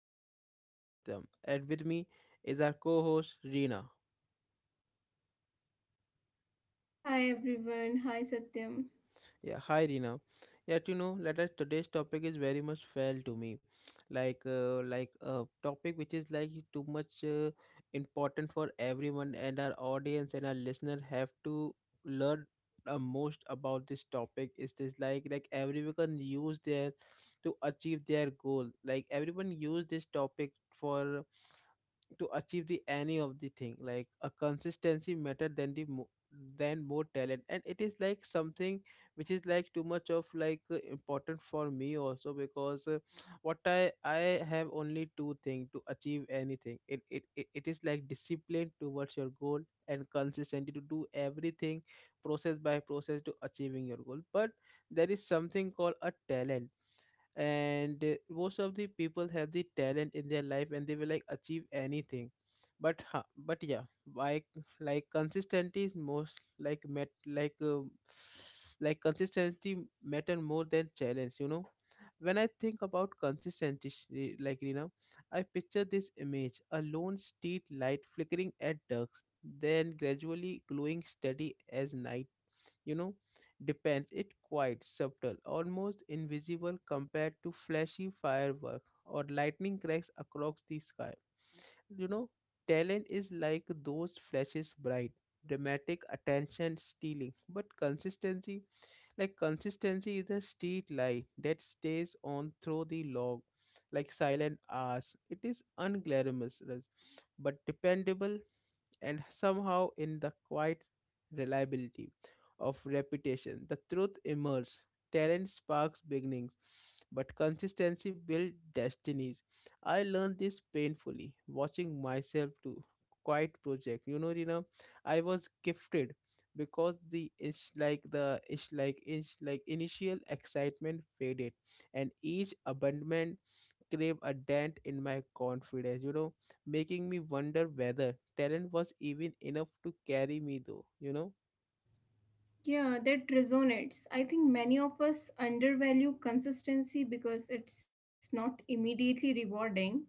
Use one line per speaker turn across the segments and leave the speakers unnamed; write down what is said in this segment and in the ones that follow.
this is your host Satyam and with me is our co-host Reena.
Hi everyone, hi Satyam.
Yeah, hi Rina. Yet let us today's topic is very much fail to me, like a topic which is like too much important for everyone and our audience and our listener have to learn the most about this topic. Is this like everyone can use their to achieve their goal? Like everyone use this topic for to achieve the any of the thing like a consistency matter than than more talent, and it is like something which is like too much of like important for me also because what I have only two thing to achieve anything it is like discipline towards your goal and consistency to do everything process by process to achieving your goal. But there is something called a talent, and most of the people have the talent in their life and they will like achieve anything, but but yeah, like like consistency is most like met like consistency matter more than challenge. When I think about consistency, like I picture this image: a lone street light flickering at dusk, then gradually glowing steady as night you know Depends it quite subtle, almost invisible compared to flashy firework or lightning cracks across the sky you know Talent is like those flashes: bright, dramatic, attention stealing. But consistency is a street light that stays on through the log, like silent hours. It is unglamorous, but dependable, and somehow in the quiet reliability of reputation, the truth emerges. Talent sparks beginnings, but consistency builds destinies. I learned this painfully, watching myself do quite project. You know, Rina, I was gifted, because the inch like initial excitement faded, and each abandonment gave a dent in my confidence. Making me wonder whether talent was even enough to carry me though.
Yeah, that resonates. I think many of us undervalue consistency because it's not immediately rewarding.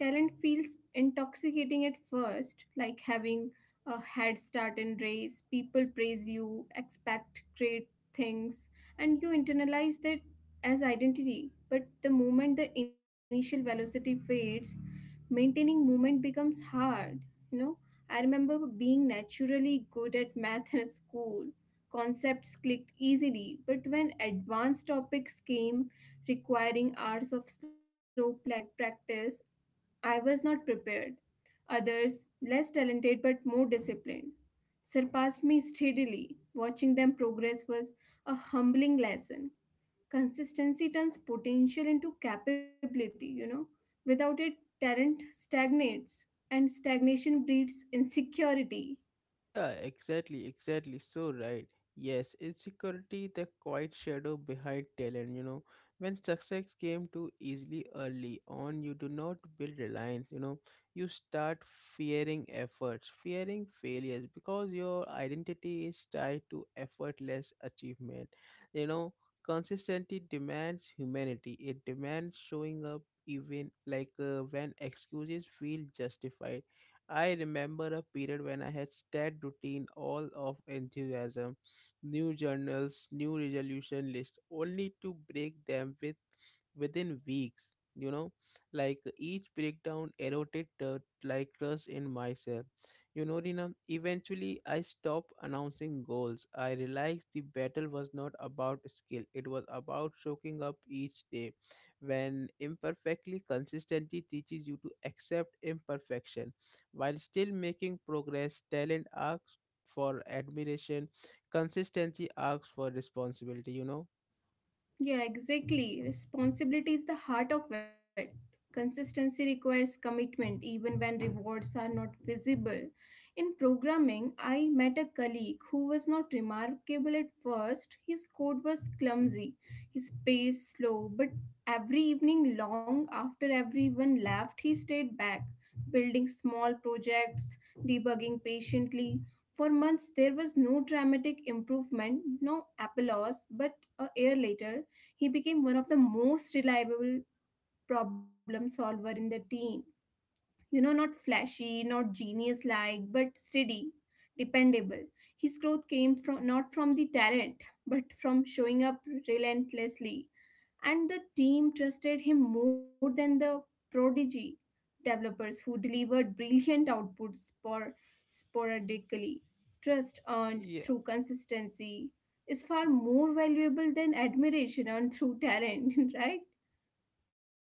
Talent feels intoxicating at first, like having a head start in race. People praise you, expect great things, and you internalize that as identity. But the moment the initial velocity fades, maintaining movement becomes hard, you know. I remember being naturally good at math in school. Concepts clicked easily, but when advanced topics came requiring hours of slow practice, I was not prepared. Others, less talented but more disciplined, surpassed me steadily. Watching them progress was a humbling lesson. Consistency turns potential into capability. Without it, talent stagnates, and stagnation breeds insecurity.
Yeah, exactly, exactly. So right. Yes, insecurity, the quiet shadow behind talent, you know. When success came too easily early on, you do not build reliance, you know. You start fearing efforts, fearing failures because your identity is tied to effortless achievement. You know, consistency demands humanity. It demands showing up even like when excuses feel justified. I remember a period when I had stared routine all of enthusiasm, new journals, new resolution list, only to break them within weeks. Like each breakdown eroded like trust in myself, you know, Rina. Eventually I stopped announcing goals. I realized the battle was not about skill, it was about soaking up each day. When imperfectly, consistency teaches you to accept imperfection while still making progress. Talent asks for admiration, consistency asks for responsibility.
Yeah, exactly. Responsibility is the heart of it. Consistency requires commitment even when rewards are not visible. In programming, I met a colleague who was not remarkable at first. His code was clumsy, his pace slow, but every evening, long after everyone left, he stayed back, building small projects, debugging patiently. For months, there was no dramatic improvement, no applause, but a year later, he became one of the most reliable problem solver in the team, not flashy, not genius like, but steady, dependable. His growth came from not from the talent, but from showing up relentlessly. And the team trusted him more than the prodigy developers who delivered brilliant outputs sporadically. Trust earned
Yeah.
through consistency is far more valuable than admiration earned through talent, right?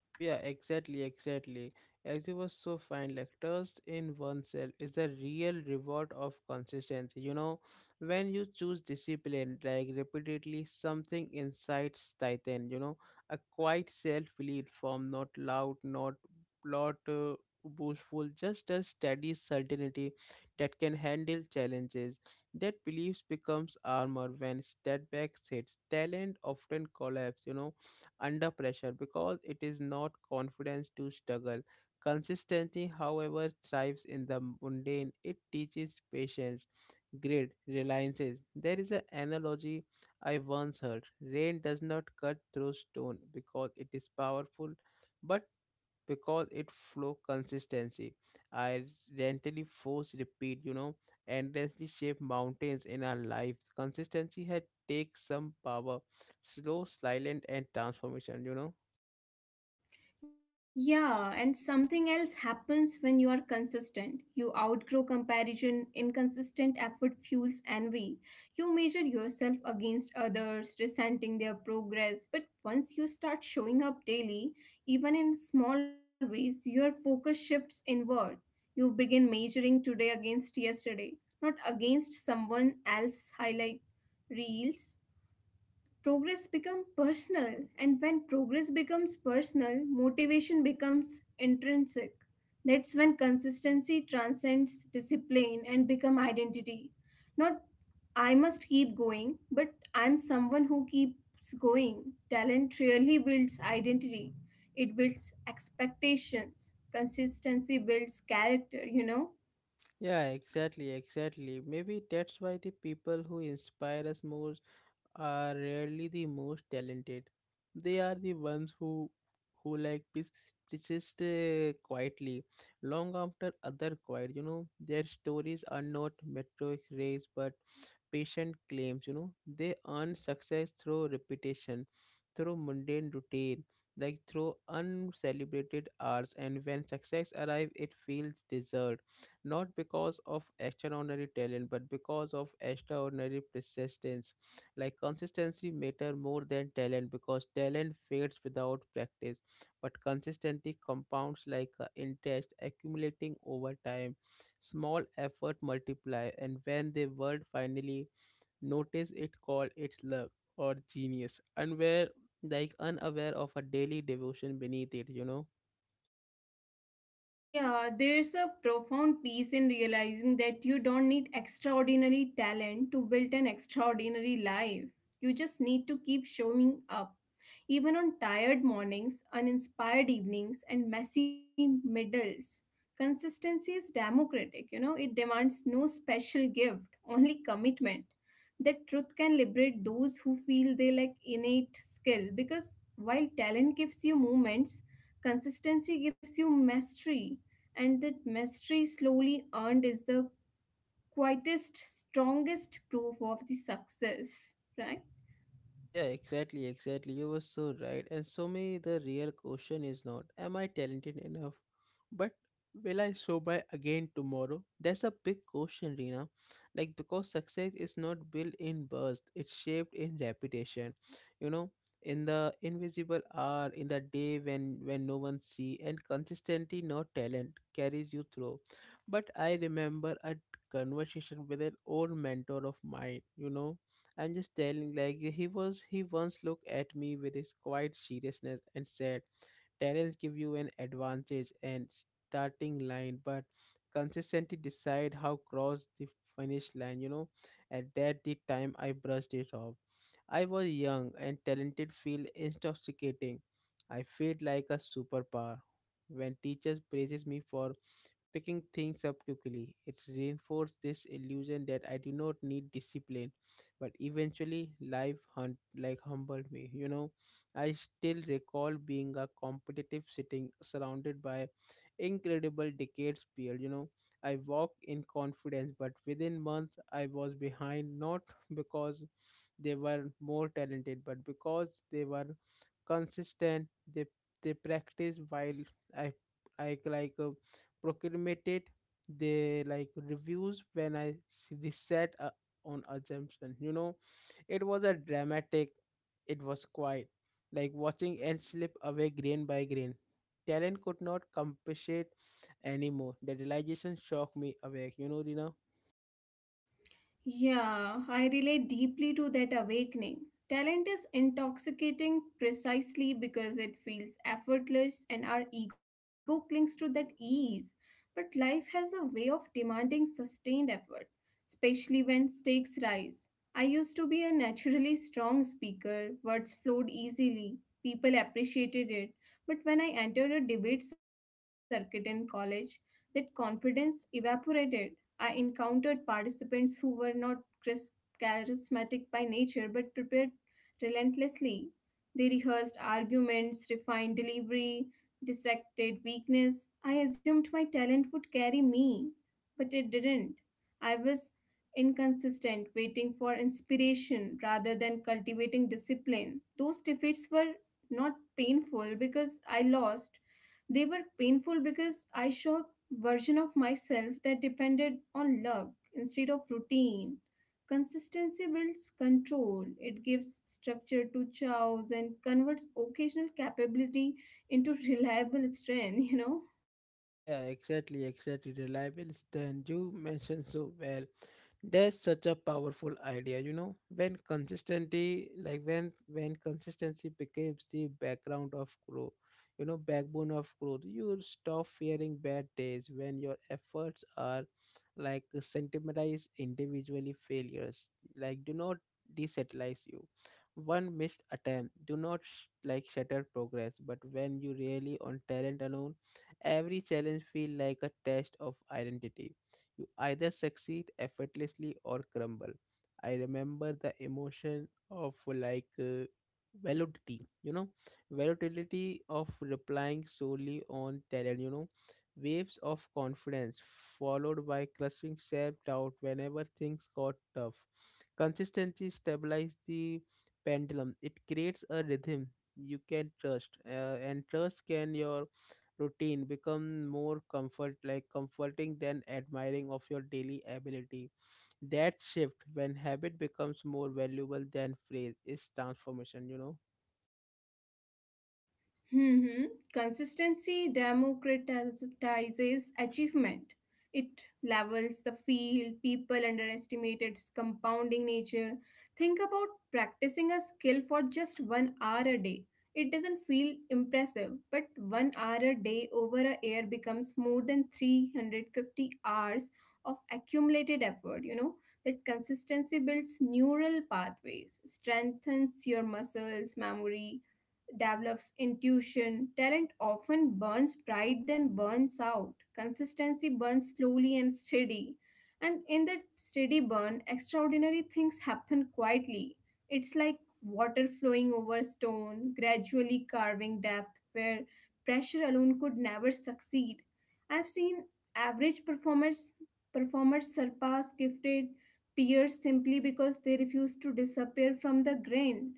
Yeah, exactly, exactly. As you were so fine, like trust in oneself is the real reward of consistency. When you choose discipline, like repeatedly, something inside tighten. A quiet self-belief form, not loud, not boastful, just a steady certainty that can handle challenges. That belief becomes armor when setbacks hits. Talent often collapse, under pressure because it is not confidence to struggle. Consistency, however, thrives in the mundane. It teaches patience, grit, reliances. There is an analogy I once heard: rain does not cut through stone because it is powerful, but because it flow consistency. I gently force repeat, endlessly shape mountains in our lives. Consistency had takes some power, slow, silent, and transformation.
Yeah, and something else happens when you are consistent. You outgrow comparison, inconsistent effort fuels envy. You measure yourself against others, resenting their progress. But once you start showing up daily, even in small ways, your focus shifts inward. You begin measuring today against yesterday, not against someone else's highlight reels. Progress becomes personal, and when progress becomes personal, motivation becomes intrinsic. That's when consistency transcends discipline and become identity. Not I must keep going, but I'm someone who keeps going. Talent really builds identity, it builds expectations. Consistency builds character.
Yeah, exactly, exactly. Maybe that's why the people who inspire us most are rarely the most talented. They are the ones who like persist, quietly, long after other quiet. You know, their stories are not metric race but patient claims. They earn success through repetition, through mundane routine, like through uncelebrated hours. And when success arrives, it feels deserved, not because of extraordinary talent, but because of extraordinary persistence. Like consistency matter more than talent, because talent fades without practice, but consistency compounds like interest accumulating over time. Small effort multiply, and when the world finally notice, it call it luck or genius, and were like unaware of a daily devotion beneath it.
Yeah, there's a profound peace in realizing that you don't need extraordinary talent to build an extraordinary life. You just need to keep showing up, even on tired mornings, uninspired evenings, and messy middles. Consistency is democratic. It demands no special gift, only commitment. That truth can liberate those who feel they lack innate skill because while talent gives you moments, consistency gives you mastery, and that mastery slowly earned is the quietest, strongest proof of the success, right?
Yeah, exactly, exactly. You were so right. And so me, the real question is not, am I talented enough? But will I show by again tomorrow? That's a big question, Rina. Like because success is not built in burst, it's shaped in reputation. You know, in the invisible hour, in the day when no one see, and consistency, not talent, carries you through. But I remember a conversation with an old mentor of mine. I'm just telling, like, he once looked at me with his quiet seriousness and said, "Terrells give you an advantage and starting line, but consistently decide how cross the finish line." At that the time I brushed it off. I was young and talented feel intoxicating. I felt like a superpower. When teachers praises me for picking things up quickly, it reinforces this illusion that I do not need discipline. But eventually life hunt like humbled me. I still recall being a competitive sitting surrounded by incredible decades peer. I walked in confidence, but within months I was behind, not because they were more talented, but because they were consistent. They they practiced while i I like procrastinated. They like reviews when I reset on assumption. It was a dramatic, it was quiet, like watching and slip away grain by grain. Talent could not compensate anymore. The realization shocked me awake. You know, Rina?
Yeah, I relate deeply to that awakening. Talent is intoxicating precisely because it feels effortless and our ego clings to that ease. But life has a way of demanding sustained effort, especially when stakes rise. I used to be a naturally strong speaker, words flowed easily, people appreciated it. But when I entered a debate circuit in college, that confidence evaporated. I encountered participants who were not chris- charismatic by nature but prepared relentlessly. They rehearsed arguments, refined delivery, dissected weakness. I assumed my talent would carry me, but it didn't. I was inconsistent, waiting for inspiration rather than cultivating discipline. Those defeats were not painful because I lost. They were painful because I saw a version of myself that depended on luck instead of routine. Consistency builds control. It gives structure to chows and converts occasional capability into reliable strength.
Yeah, yeah, exactly, exactly. Reliable stand you mentioned so well. That's such a powerful idea. When consistency, like when consistency becomes the background of growth, backbone of growth, you stop fearing bad days when your efforts are like sentimentalized individually failures. Like do not desatellize you. One missed attempt do not like shatter progress, but when you really on talent alone, every challenge feels like a test of identity. You either succeed effortlessly or crumble. I remember the emotion of like validity, volatility of replying solely on talent, waves of confidence followed by crushing self-doubt whenever things got tough. Consistency stabilizes the pendulum. It creates a rhythm you can trust, and trust can your routine become more comforting than admiring of your daily ability. That shift, when habit becomes more valuable than phrase, is transformation.
Hmm. Consistency democratizes achievement. It levels the field, people underestimate its compounding nature. Think about practicing a skill for just 1 hour a day. It doesn't feel impressive, but 1 hour a day over a year becomes more than 350 hours of accumulated effort. That consistency builds neural pathways, strengthens your muscles, memory, develops intuition. Talent often burns bright, then burns out. Consistency burns slowly and steady. And in that steady burn, extraordinary things happen quietly. It's like water flowing over stone, gradually carving depth where pressure alone could never succeed. I've seen average performers surpass gifted peers simply because they refuse to disappear from the grain.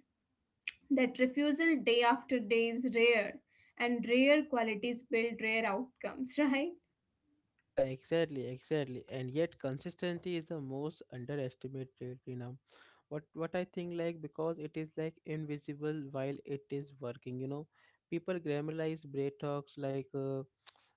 That refusal day after day is rare, and rare qualities build rare outcomes, right?
Yeah, exactly, exactly. And yet consistency is the most underestimated. You know what I think, like, because it is like invisible while it is working. People glamorize break talks, like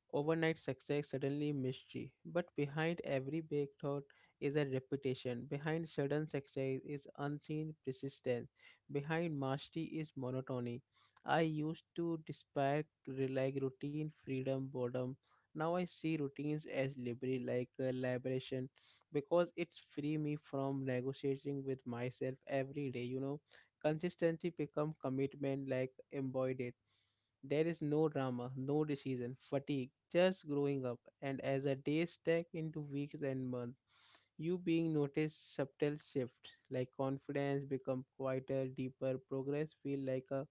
overnight success, suddenly mystery. But behind every big thought is a reputation. Behind sudden success is unseen persistence. Behind mastery is monotony. I used to despair like routine, freedom, boredom. Now I see routines as liberty, like liberation, because it's free me from negotiating with myself every day. Consistency become commitment, like embodied. There is no drama, no decision, fatigue, just growing up. And as a day stack into weeks and months, you being noticed subtle shift, like confidence become quieter, deeper, progress feel like a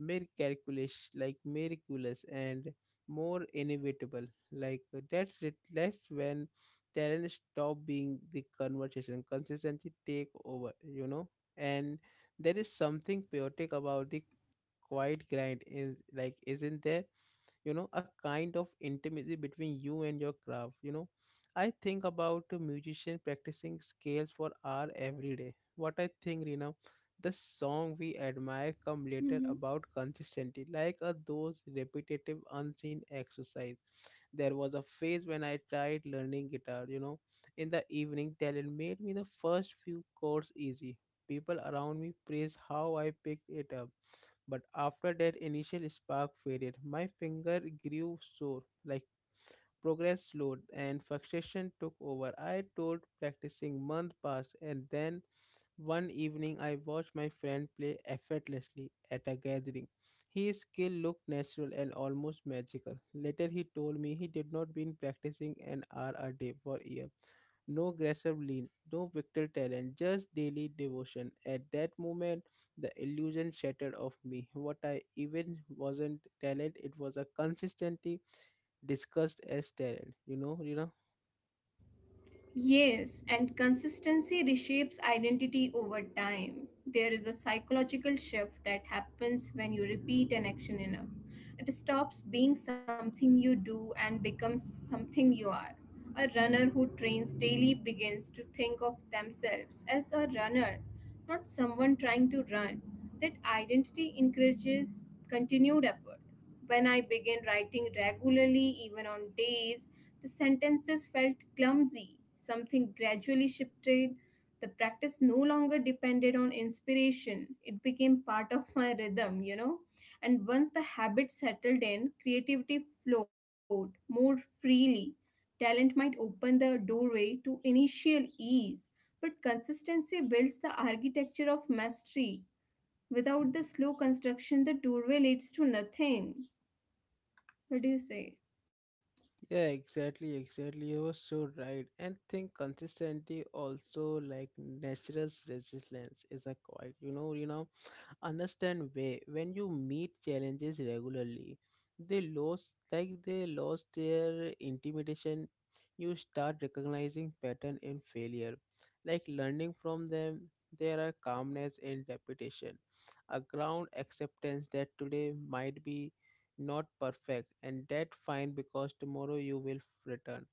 mere calculation, like miraculous and more inevitable. Like that's it. That's when talent stop being the conversation. Consistency take over. And there is something chaotic about the quiet grind, is like isn't there? A kind of intimacy between you and your craft. I think about a musician practicing scales for hour every day. What I think, Rina, the song we admire come later about consistency, like a those repetitive unseen exercise. There was a phase when I tried learning guitar. In the evening, talent made me the first few chords easy. People around me praised how I picked it up, but after that initial spark faded, my finger grew sore, like progress slowed and frustration took over. I told practicing month passed, and then one evening I watched my friend play effortlessly at a gathering. His skill looked natural and almost magical. Later he told me he did not been practicing an hour a day for years, no aggressive lean, no pictorial talent, just daily devotion. At that moment, the illusion shattered of me. What I even wasn't talent, it was a consistently discussed as talent.
Yes, and consistency reshapes identity over time. There is a psychological shift that happens when you repeat an action enough. It stops being something you do and becomes something you are. A runner who trains daily begins to think of themselves as a runner, not someone trying to run. That identity encourages continued effort. When I began writing regularly, even on days the sentences felt clumsy. Something gradually shifted. The practice no longer depended on inspiration. It became part of my rhythm. And once the habit settled in, creativity flowed more freely. Talent might open the doorway to initial ease, but consistency builds the architecture of mastery. Without the slow construction, the doorway leads to nothing. What do you say?
Yeah, exactly, exactly. You were so right. And think consistency also like natural resilience is a quite. Understand way, when you meet challenges regularly, they lost, like they lost their intimidation. You start recognizing pattern in failure, like learning from them. There are calmness and repetition, a ground acceptance that today might be not perfect and that fine because tomorrow you will return.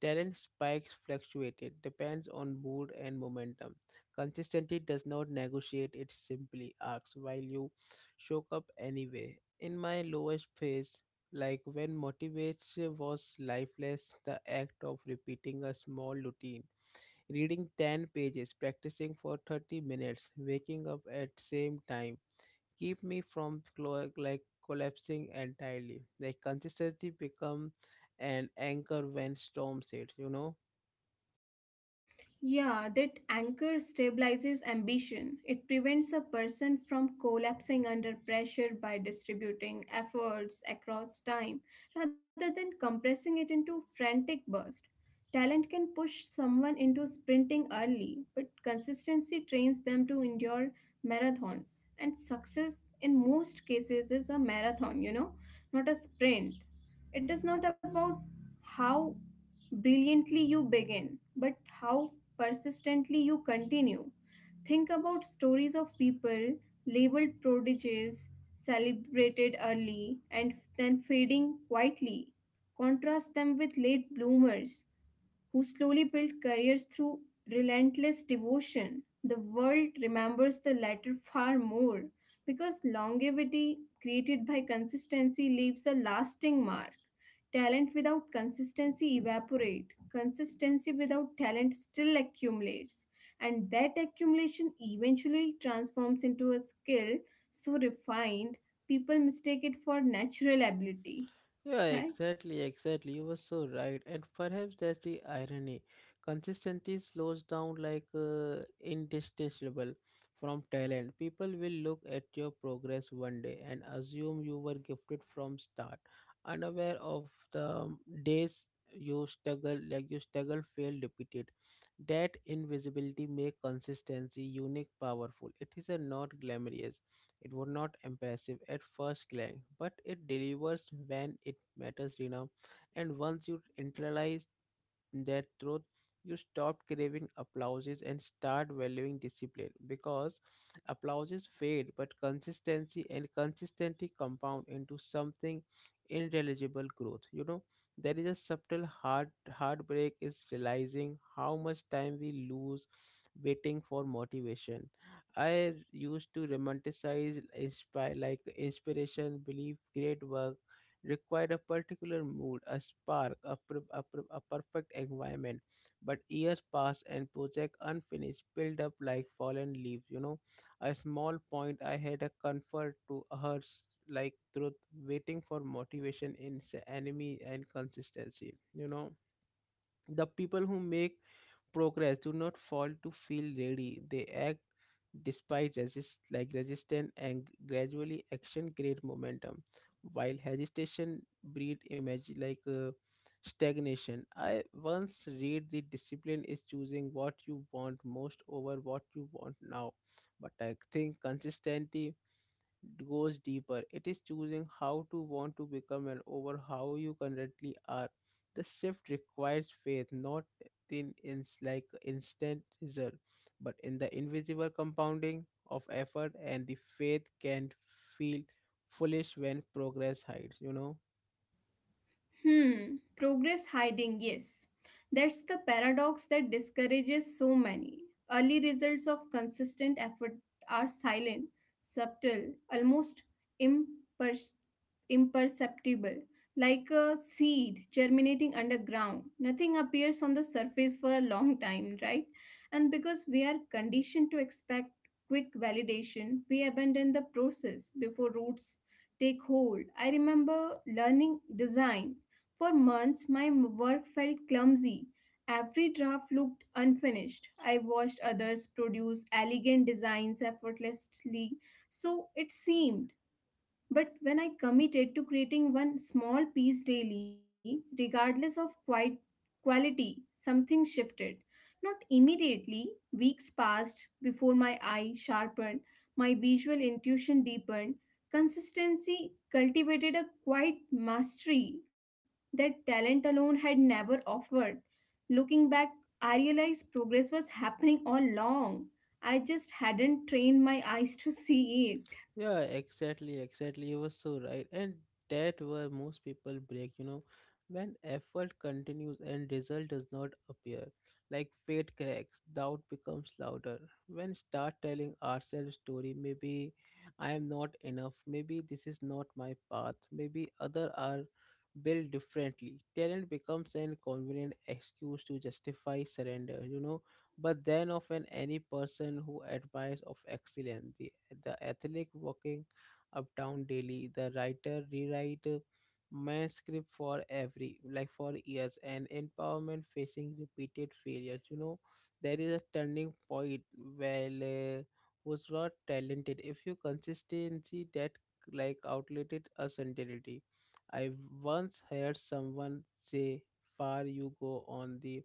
Talent spikes fluctuated, depends on mood and momentum. Consistency does not negotiate, it simply asks while you show up anyway. In my lowest phase, like when motivation was lifeless, the act of repeating a small routine, reading 10 pages, practicing for 30 minutes, waking up at same time, keep me from collapsing entirely. Like consistency become an anchor when storms hit, you know?
Yeah, that anchor stabilizes ambition. It prevents a person from collapsing under pressure by distributing efforts across time rather than compressing it into frantic bursts. Talent can push someone into sprinting early, but consistency trains them to endure marathons. And success in most cases is a marathon, not a sprint. It is not about how brilliantly you begin, but how persistently you continue. Think about stories of people labeled prodigies, celebrated early, and then fading quietly. Contrast them with late bloomers who slowly built careers through relentless devotion. The world remembers the latter far more because longevity created by consistency leaves a lasting mark. Talent without consistency evaporate. Consistency without talent still accumulates. And that accumulation eventually transforms into a skill so refined people mistake it for natural ability.
Yeah,
Right?
exactly, exactly. You were so right. And perhaps that's the irony. Consistency slows down like indistinguishable from talent. People will look at your progress one day and assume you were gifted from start, unaware of the days you struggle, like you struggle, fail, repeated. That invisibility make consistency unique, powerful. It is a not glamorous. It was not impressive at first glance, but it delivers when it matters enough. And once you internalize that truth, you stop craving applauses and start valuing discipline because applauses fade, but consistency compound into something intelligible growth. There is a subtle heartbreak is realizing how much time we lose waiting for motivation. I used to romanticize inspire like inspiration, believe great work required a particular mood, a spark, a perfect environment. But years pass and project unfinished, build up like fallen leaves. You know, a small point I had a comfort to her, like truth, waiting for motivation in enemy and consistency. You know, the people who make progress do not fall to feel ready. They act despite resistance, and gradually action create momentum while hesitation breed image like stagnation. I once read the discipline is choosing what you want most over what you want now, but I think consistency goes deeper. It is choosing how to want to become and over how you currently are. The shift requires faith, not thin is like instant result, but in the invisible compounding of effort, and the faith can feel foolish when progress hides, you know.
Hmm, progress hiding, yes. That's the paradox that discourages so many. Early results of consistent effort are silent, subtle, almost imper- imperceptible, like a seed germinating underground. Nothing appears on the surface for a long time, right? And because we are conditioned to expect quick validation, we abandon the process before roots take hold. I remember learning design for months, my work felt clumsy. Every draft looked unfinished. I watched others produce elegant designs effortlessly, so it seemed. But when I committed to creating one small piece daily, regardless of quite quality, something shifted. Not immediately, weeks passed before my eye sharpened, my visual intuition deepened. Consistency cultivated a quiet mastery that talent alone had never offered. Looking back, I realized progress was happening all along. I just hadn't trained my eyes to see it.
Yeah, exactly, exactly. You were so right. And that where most people break, you know, when effort continues and result does not appear, like fate cracks, doubt becomes louder. When start telling ourselves story, maybe I am not enough, maybe this is not my path, maybe other are built differently. Talent becomes an convenient excuse to justify surrender, you know. But then often any person who admires of excellence, the athlete walking uptown daily, the writer rewrite manuscript for every like for years, and empowerment facing repeated failures. You know, there is a turning point where who's not talented if you consistency that like outdated a certainty. I once heard someone say, "Far you go on the."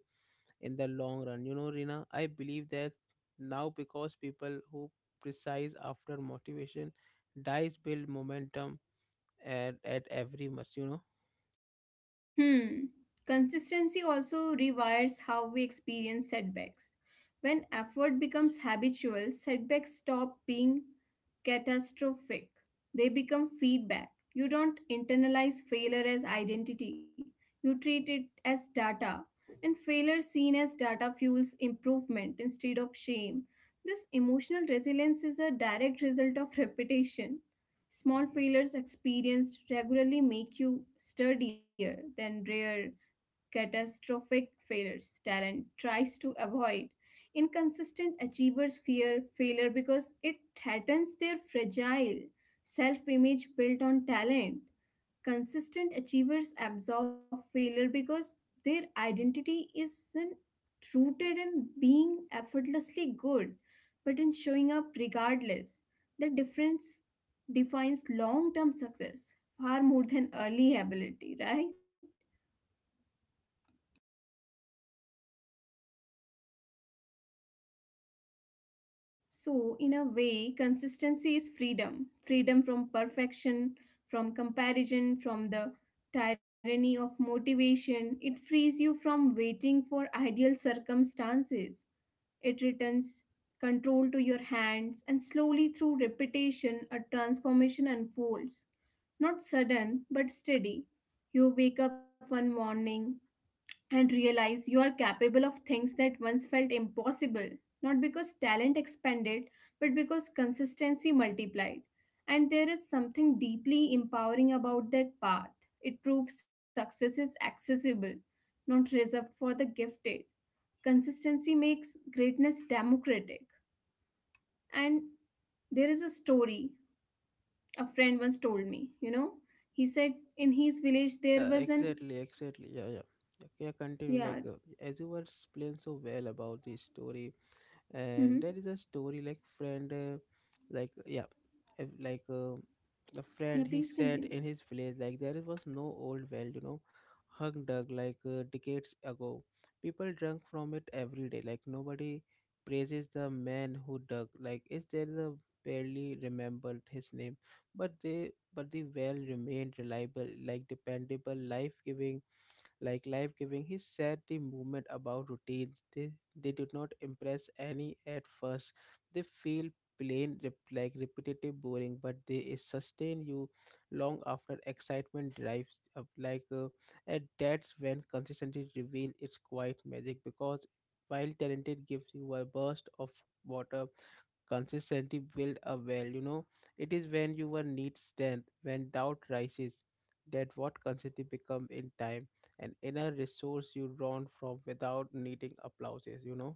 In the long run. You know, Rina, I believe that now because people who precise after motivation dies build momentum at every match, you know.
Hmm. Consistency also rewires how we experience setbacks. When effort becomes habitual, setbacks stop being catastrophic. They become feedback. You don't internalize failure as identity, you treat it as data. And failure seen as data fuels improvement instead of shame. This emotional resilience is a direct result of repetition. Small failures experienced regularly make you sturdier than rare catastrophic failures talent tries to avoid. Inconsistent achievers fear failure because it threatens their fragile self image built on talent. Consistent achievers absorb failure because their identity isn't rooted in being effortlessly good but in showing up regardless. The difference defines long term success far more than early ability, right? So, in a way, consistency is freedom, freedom from perfection, from comparison, from the tyranny of motivation. It frees you from waiting for ideal circumstances. It returns control to your hands, and slowly through repetition, a transformation unfolds. Not sudden, but steady. You wake up one morning and realize you are capable of things that once felt impossible, not because talent expanded, but because consistency multiplied. And there is something deeply empowering about that path. It proves success is accessible, not reserved for the gifted. Consistency makes greatness democratic. And there is a story a friend once told me. He said in his village there
Yeah,
was an.
exactly, exactly. Yeah, yeah. Yeah,
Yeah.
continue. Like as you were explained so well about this story, and
Hmm.
there is a story like friend like yeah, if, like a friend,
Yeah,
he
please
said in
continue.
his village like there was no old well, you know, hung dug like decades ago. People drank from it every day, like nobody praises the man who dug, like is there the barely remembered his name, but they but the well remained reliable, like dependable, life-giving, like life giving. He said the movement about routines, they do not impress any at first. They feel plain, repetitive, boring, but they sustain you long after excitement drives up. Like, and that's when consistency reveals its quiet magic because while talented gives you a burst of water, consistency build a well, you know. It is when you were need strength, when doubt rises, that what consistency become in time, an inner resource you drawn from without needing applauses, you know.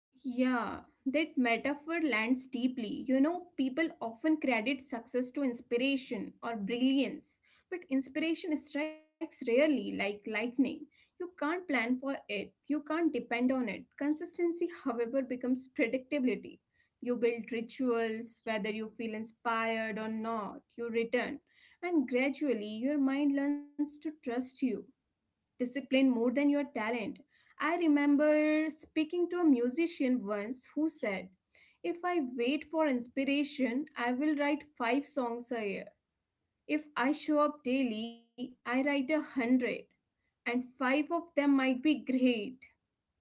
Yeah, that metaphor lands deeply. People often credit success to inspiration or brilliance, but inspiration strikes rarely like lightning. You can't plan for it, you can't depend on it. Consistency, however, becomes predictability. You build rituals, whether you feel inspired or not, you return, and gradually your mind learns to trust you discipline more than your talent. I remember speaking to a musician once who said, If I wait for inspiration, I will write five songs a year. If I show up daily, I write 100, and five of them might be great.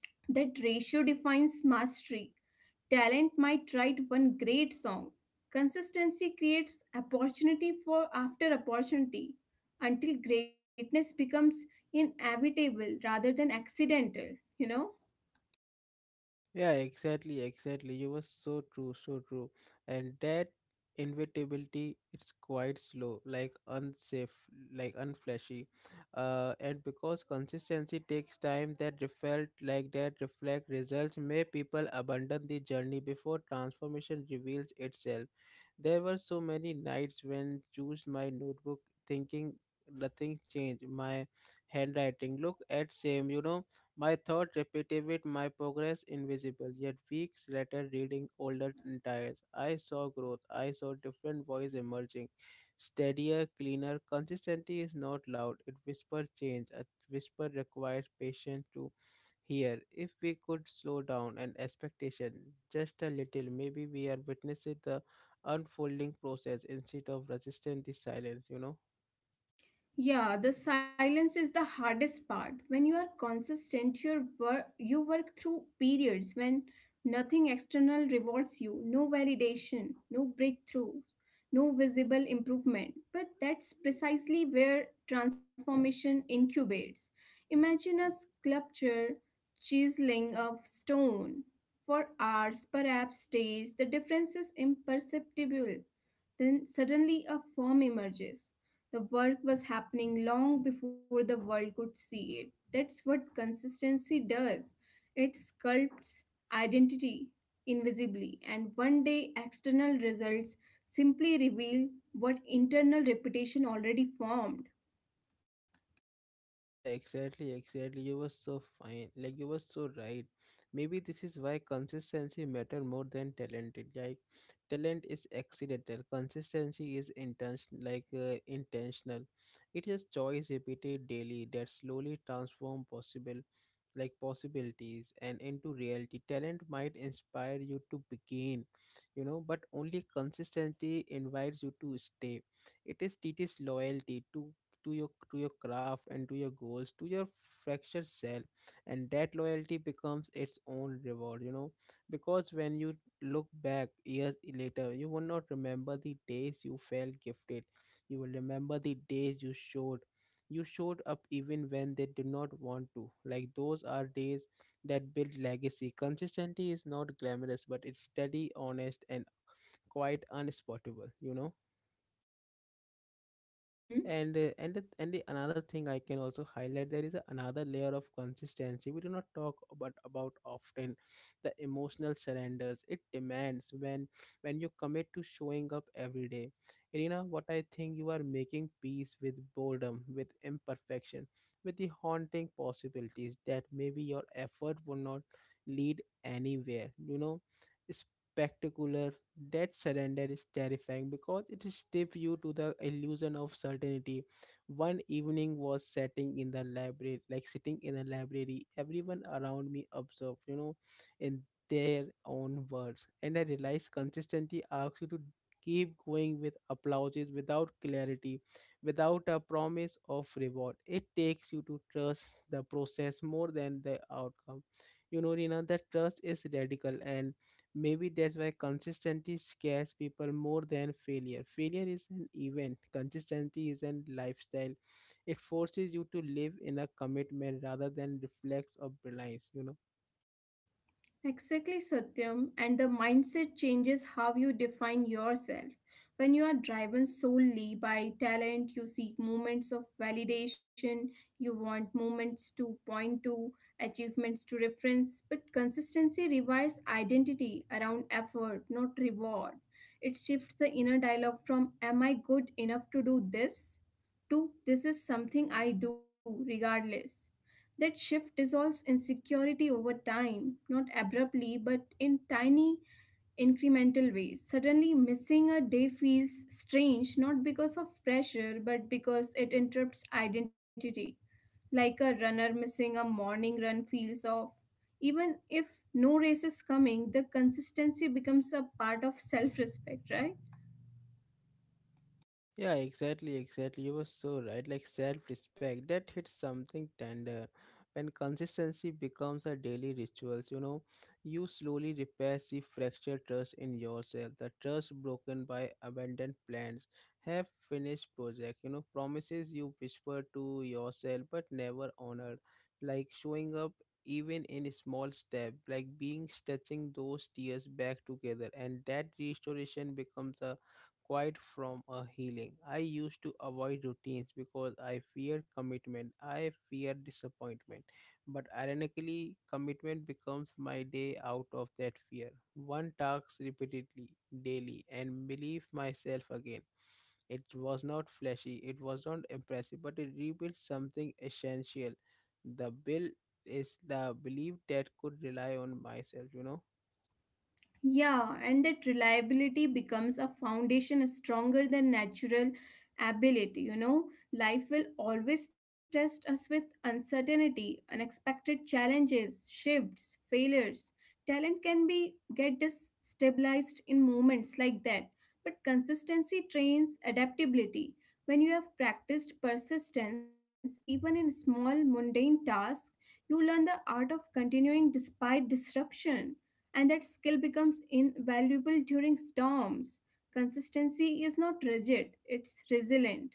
That ratio defines mastery. Talent might write one great song. Consistency creates opportunity for after opportunity until greatness becomes inevitable rather than accidental, you know?
Yeah, exactly, exactly. You were so true, so true. And that inevitability, it's quite slow, like unsafe, like unflashy. And because consistency takes time, that felt like that reflect results. May people abandon the journey before transformation reveals itself. There were so many nights when choose my notebook, thinking nothing changed. My handwriting look at same, you know, my thought repeated with my progress invisible, yet weeks later reading older entires. I saw growth. I saw different voice emerging. Steadier, cleaner, consistency is not loud. It whispers change. A whisper requires patience to hear. If we could slow down and expectation just a little, maybe we are witnessing the unfolding process instead of resisting the silence, you know.
Yeah, the silence is the hardest part. When you are consistent, you work through periods when nothing external rewards you, no validation, no breakthrough, no visible improvement. But that's precisely where transformation incubates. Imagine a sculpture chiseling of stone for hours, perhaps days. The difference is imperceptible. Then suddenly a form emerges. The work was happening long before the world could see it. That's what consistency does. It sculpts identity invisibly, and one day external results simply reveal what internal reputation already formed.
Yeah, exactly, exactly. You were so fine. Like you were so right. Maybe this is why consistency matter more than talented. Like talent is accidental. Consistency is intention like intentional. It is choice repeated daily that slowly transform possible like possibilities and into reality. Talent might inspire you to begin, you know, but only consistency invites you to stay. It is teaches loyalty to to your craft and to your goals, to your fractured self, and that loyalty becomes its own reward, you know. Because when you look back years later, you will not remember the days you felt gifted. You will remember the days you showed up even when they did not want to. Like those are days that build legacy. Consistency is not glamorous, but it's steady, honest, and quite unspotable, you know.
Mhm.
And uh, and the, and the another thing I can also highlight, there is another layer of consistency we do not talk about often: the emotional surrenders it demands. When you commit to showing up every day, Irina, what I think, you are making peace with boredom, with imperfection, with the haunting possibilities that maybe your effort will not lead anywhere, you know, spectacular. That surrender is terrifying because it stiff you to the illusion of certainty. One evening was sitting in the library, Everyone around me observed, you know, in their own words, and I realized consistency asks you to keep going with applauses without clarity, without a promise of reward. It takes you to trust the process more than the outcome, you know, Rina, that trust is radical. And maybe that's why consistency scares people more than failure. Failure is an event, consistency is a lifestyle. It forces you to live in a commitment rather than reflex or reliance, you know.
Exactly, Satyam. And the mindset changes how you define yourself. When you are driven solely by talent, you seek moments of validation, you want moments to point to, achievements to reference. But consistency revives identity around effort, not reward. It shifts the inner dialogue from, Am I good enough to do this? To this is something I do regardless. That shift dissolves insecurity over time, not abruptly, but in tiny incremental ways. Suddenly, missing a day feels strange not because of pressure, but because it interrupts identity. Like a runner missing a morning run feels off. Even if no race is coming, the consistency becomes a part of self respect, right?
Yeah, exactly, exactly. You were so right. Like self respect, that hits something tender. When consistency becomes a daily ritual, you know, you slowly repair the fractured trust in yourself. The trust broken by abandoned plans, have finished project, you know, promises you whisper to yourself but never honored. Like showing up even in small step, like being stitching those tears back together, and that restoration becomes a quite from a healing. I used to avoid routines because I feared commitment. I feared disappointment. But ironically, commitment becomes my day out of that fear. One task repeatedly, daily, and believe myself again. It was not flashy, it was not impressive, but it rebuilt something essential. The bill Is the belief that could rely on myself, you know.
Yeah, and that reliability becomes a foundation stronger than natural ability. Life will always test us with uncertainty, unexpected challenges, shifts, failures. Talent can be get destabilized in moments like that, but consistency trains adaptability. When you have practiced persistence, even in small mundane tasks, you learn the art of continuing despite disruption, and that skill becomes invaluable during storms. Consistency is not rigid, it's resilient.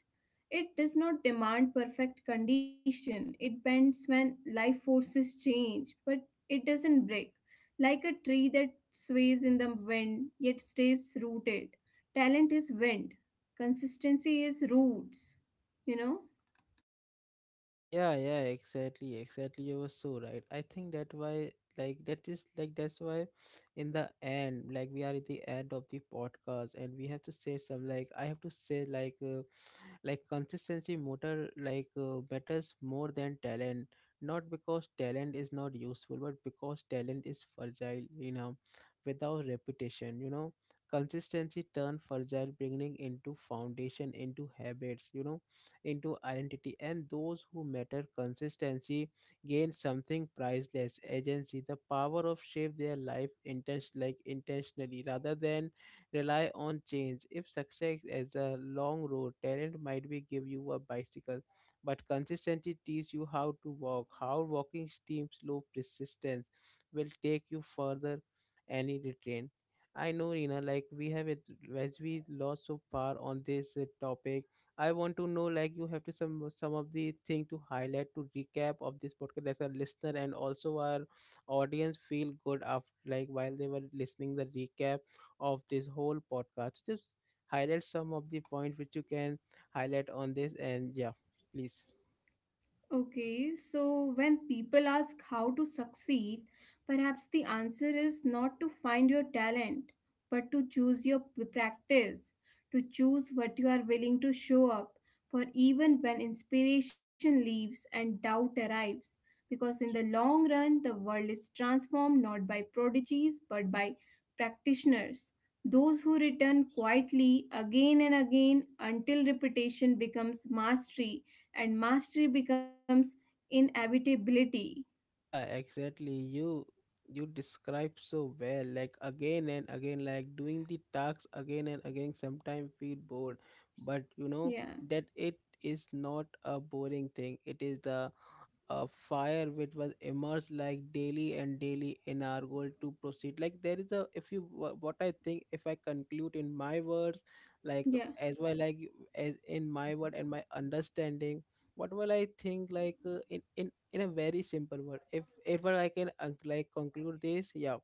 It does not demand perfect condition. It bends when life forces change, but it doesn't break. Like a tree that sways in the wind yet stays rooted. Talent is wind, consistency is roots, you know?
Yeah, yeah, exactly, exactly. You were so right. I think that why, like, that is like that's why, in the end, like, we are at the end of the podcast, and we have to say some, like I have to say like. Like consistency motor like matters more than talent, not because talent is not useful, but because talent is fragile, you know, without reputation, you know. Consistency turn fragile beginning into foundation, into habits, you know, into identity. And those who matter consistency gain something priceless: agency, the power of shape their life intention like intentionally rather than rely on change. If success is a long road, talent might be give you a bicycle, but consistency teach you how to walk. How walking steam slow persistence will take you further any retrain. I know, Rina, like we have it as we lost so far on this topic. I want to know, like, you have to some of the thing to highlight to recap of this podcast as a listener, and also our audience feel good after, like while they were listening the recap of this whole podcast. Just highlight some of the point which you can highlight on this, and yeah, please.
Okay, so when people ask how to succeed, perhaps the answer is not to find your talent, but to choose your practice, to choose what you are willing to show up for even when inspiration leaves and doubt arrives. Because in the long run, the world is transformed not by prodigies but by practitioners, those who return quietly again and again until repetition becomes mastery and mastery becomes inevitability.
Yeah, exactly. You describe so well, like again and again, like doing the tasks again and again, sometimes feel bored. But you know
Yeah,
that it is not a boring thing. It is the a fire which was immersed like daily and daily in our goal to proceed. Like there is a if you what I think, if I conclude in my words, like
yeah.
as well, like as in my word and my understanding, what will I think like in a very simple word, if I can like conclude this, yeah,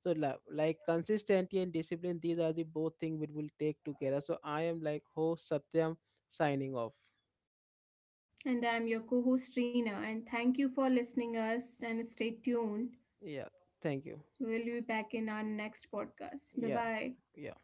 so like consistency and discipline, these are the both things which will take together. So I am like host Satyam, signing off.
And I'm your co-host Reena, and thank you for listening us and stay tuned.
Yeah, thank you.
We'll be back in our next podcast. Bye
Yeah,
bye.
yeah.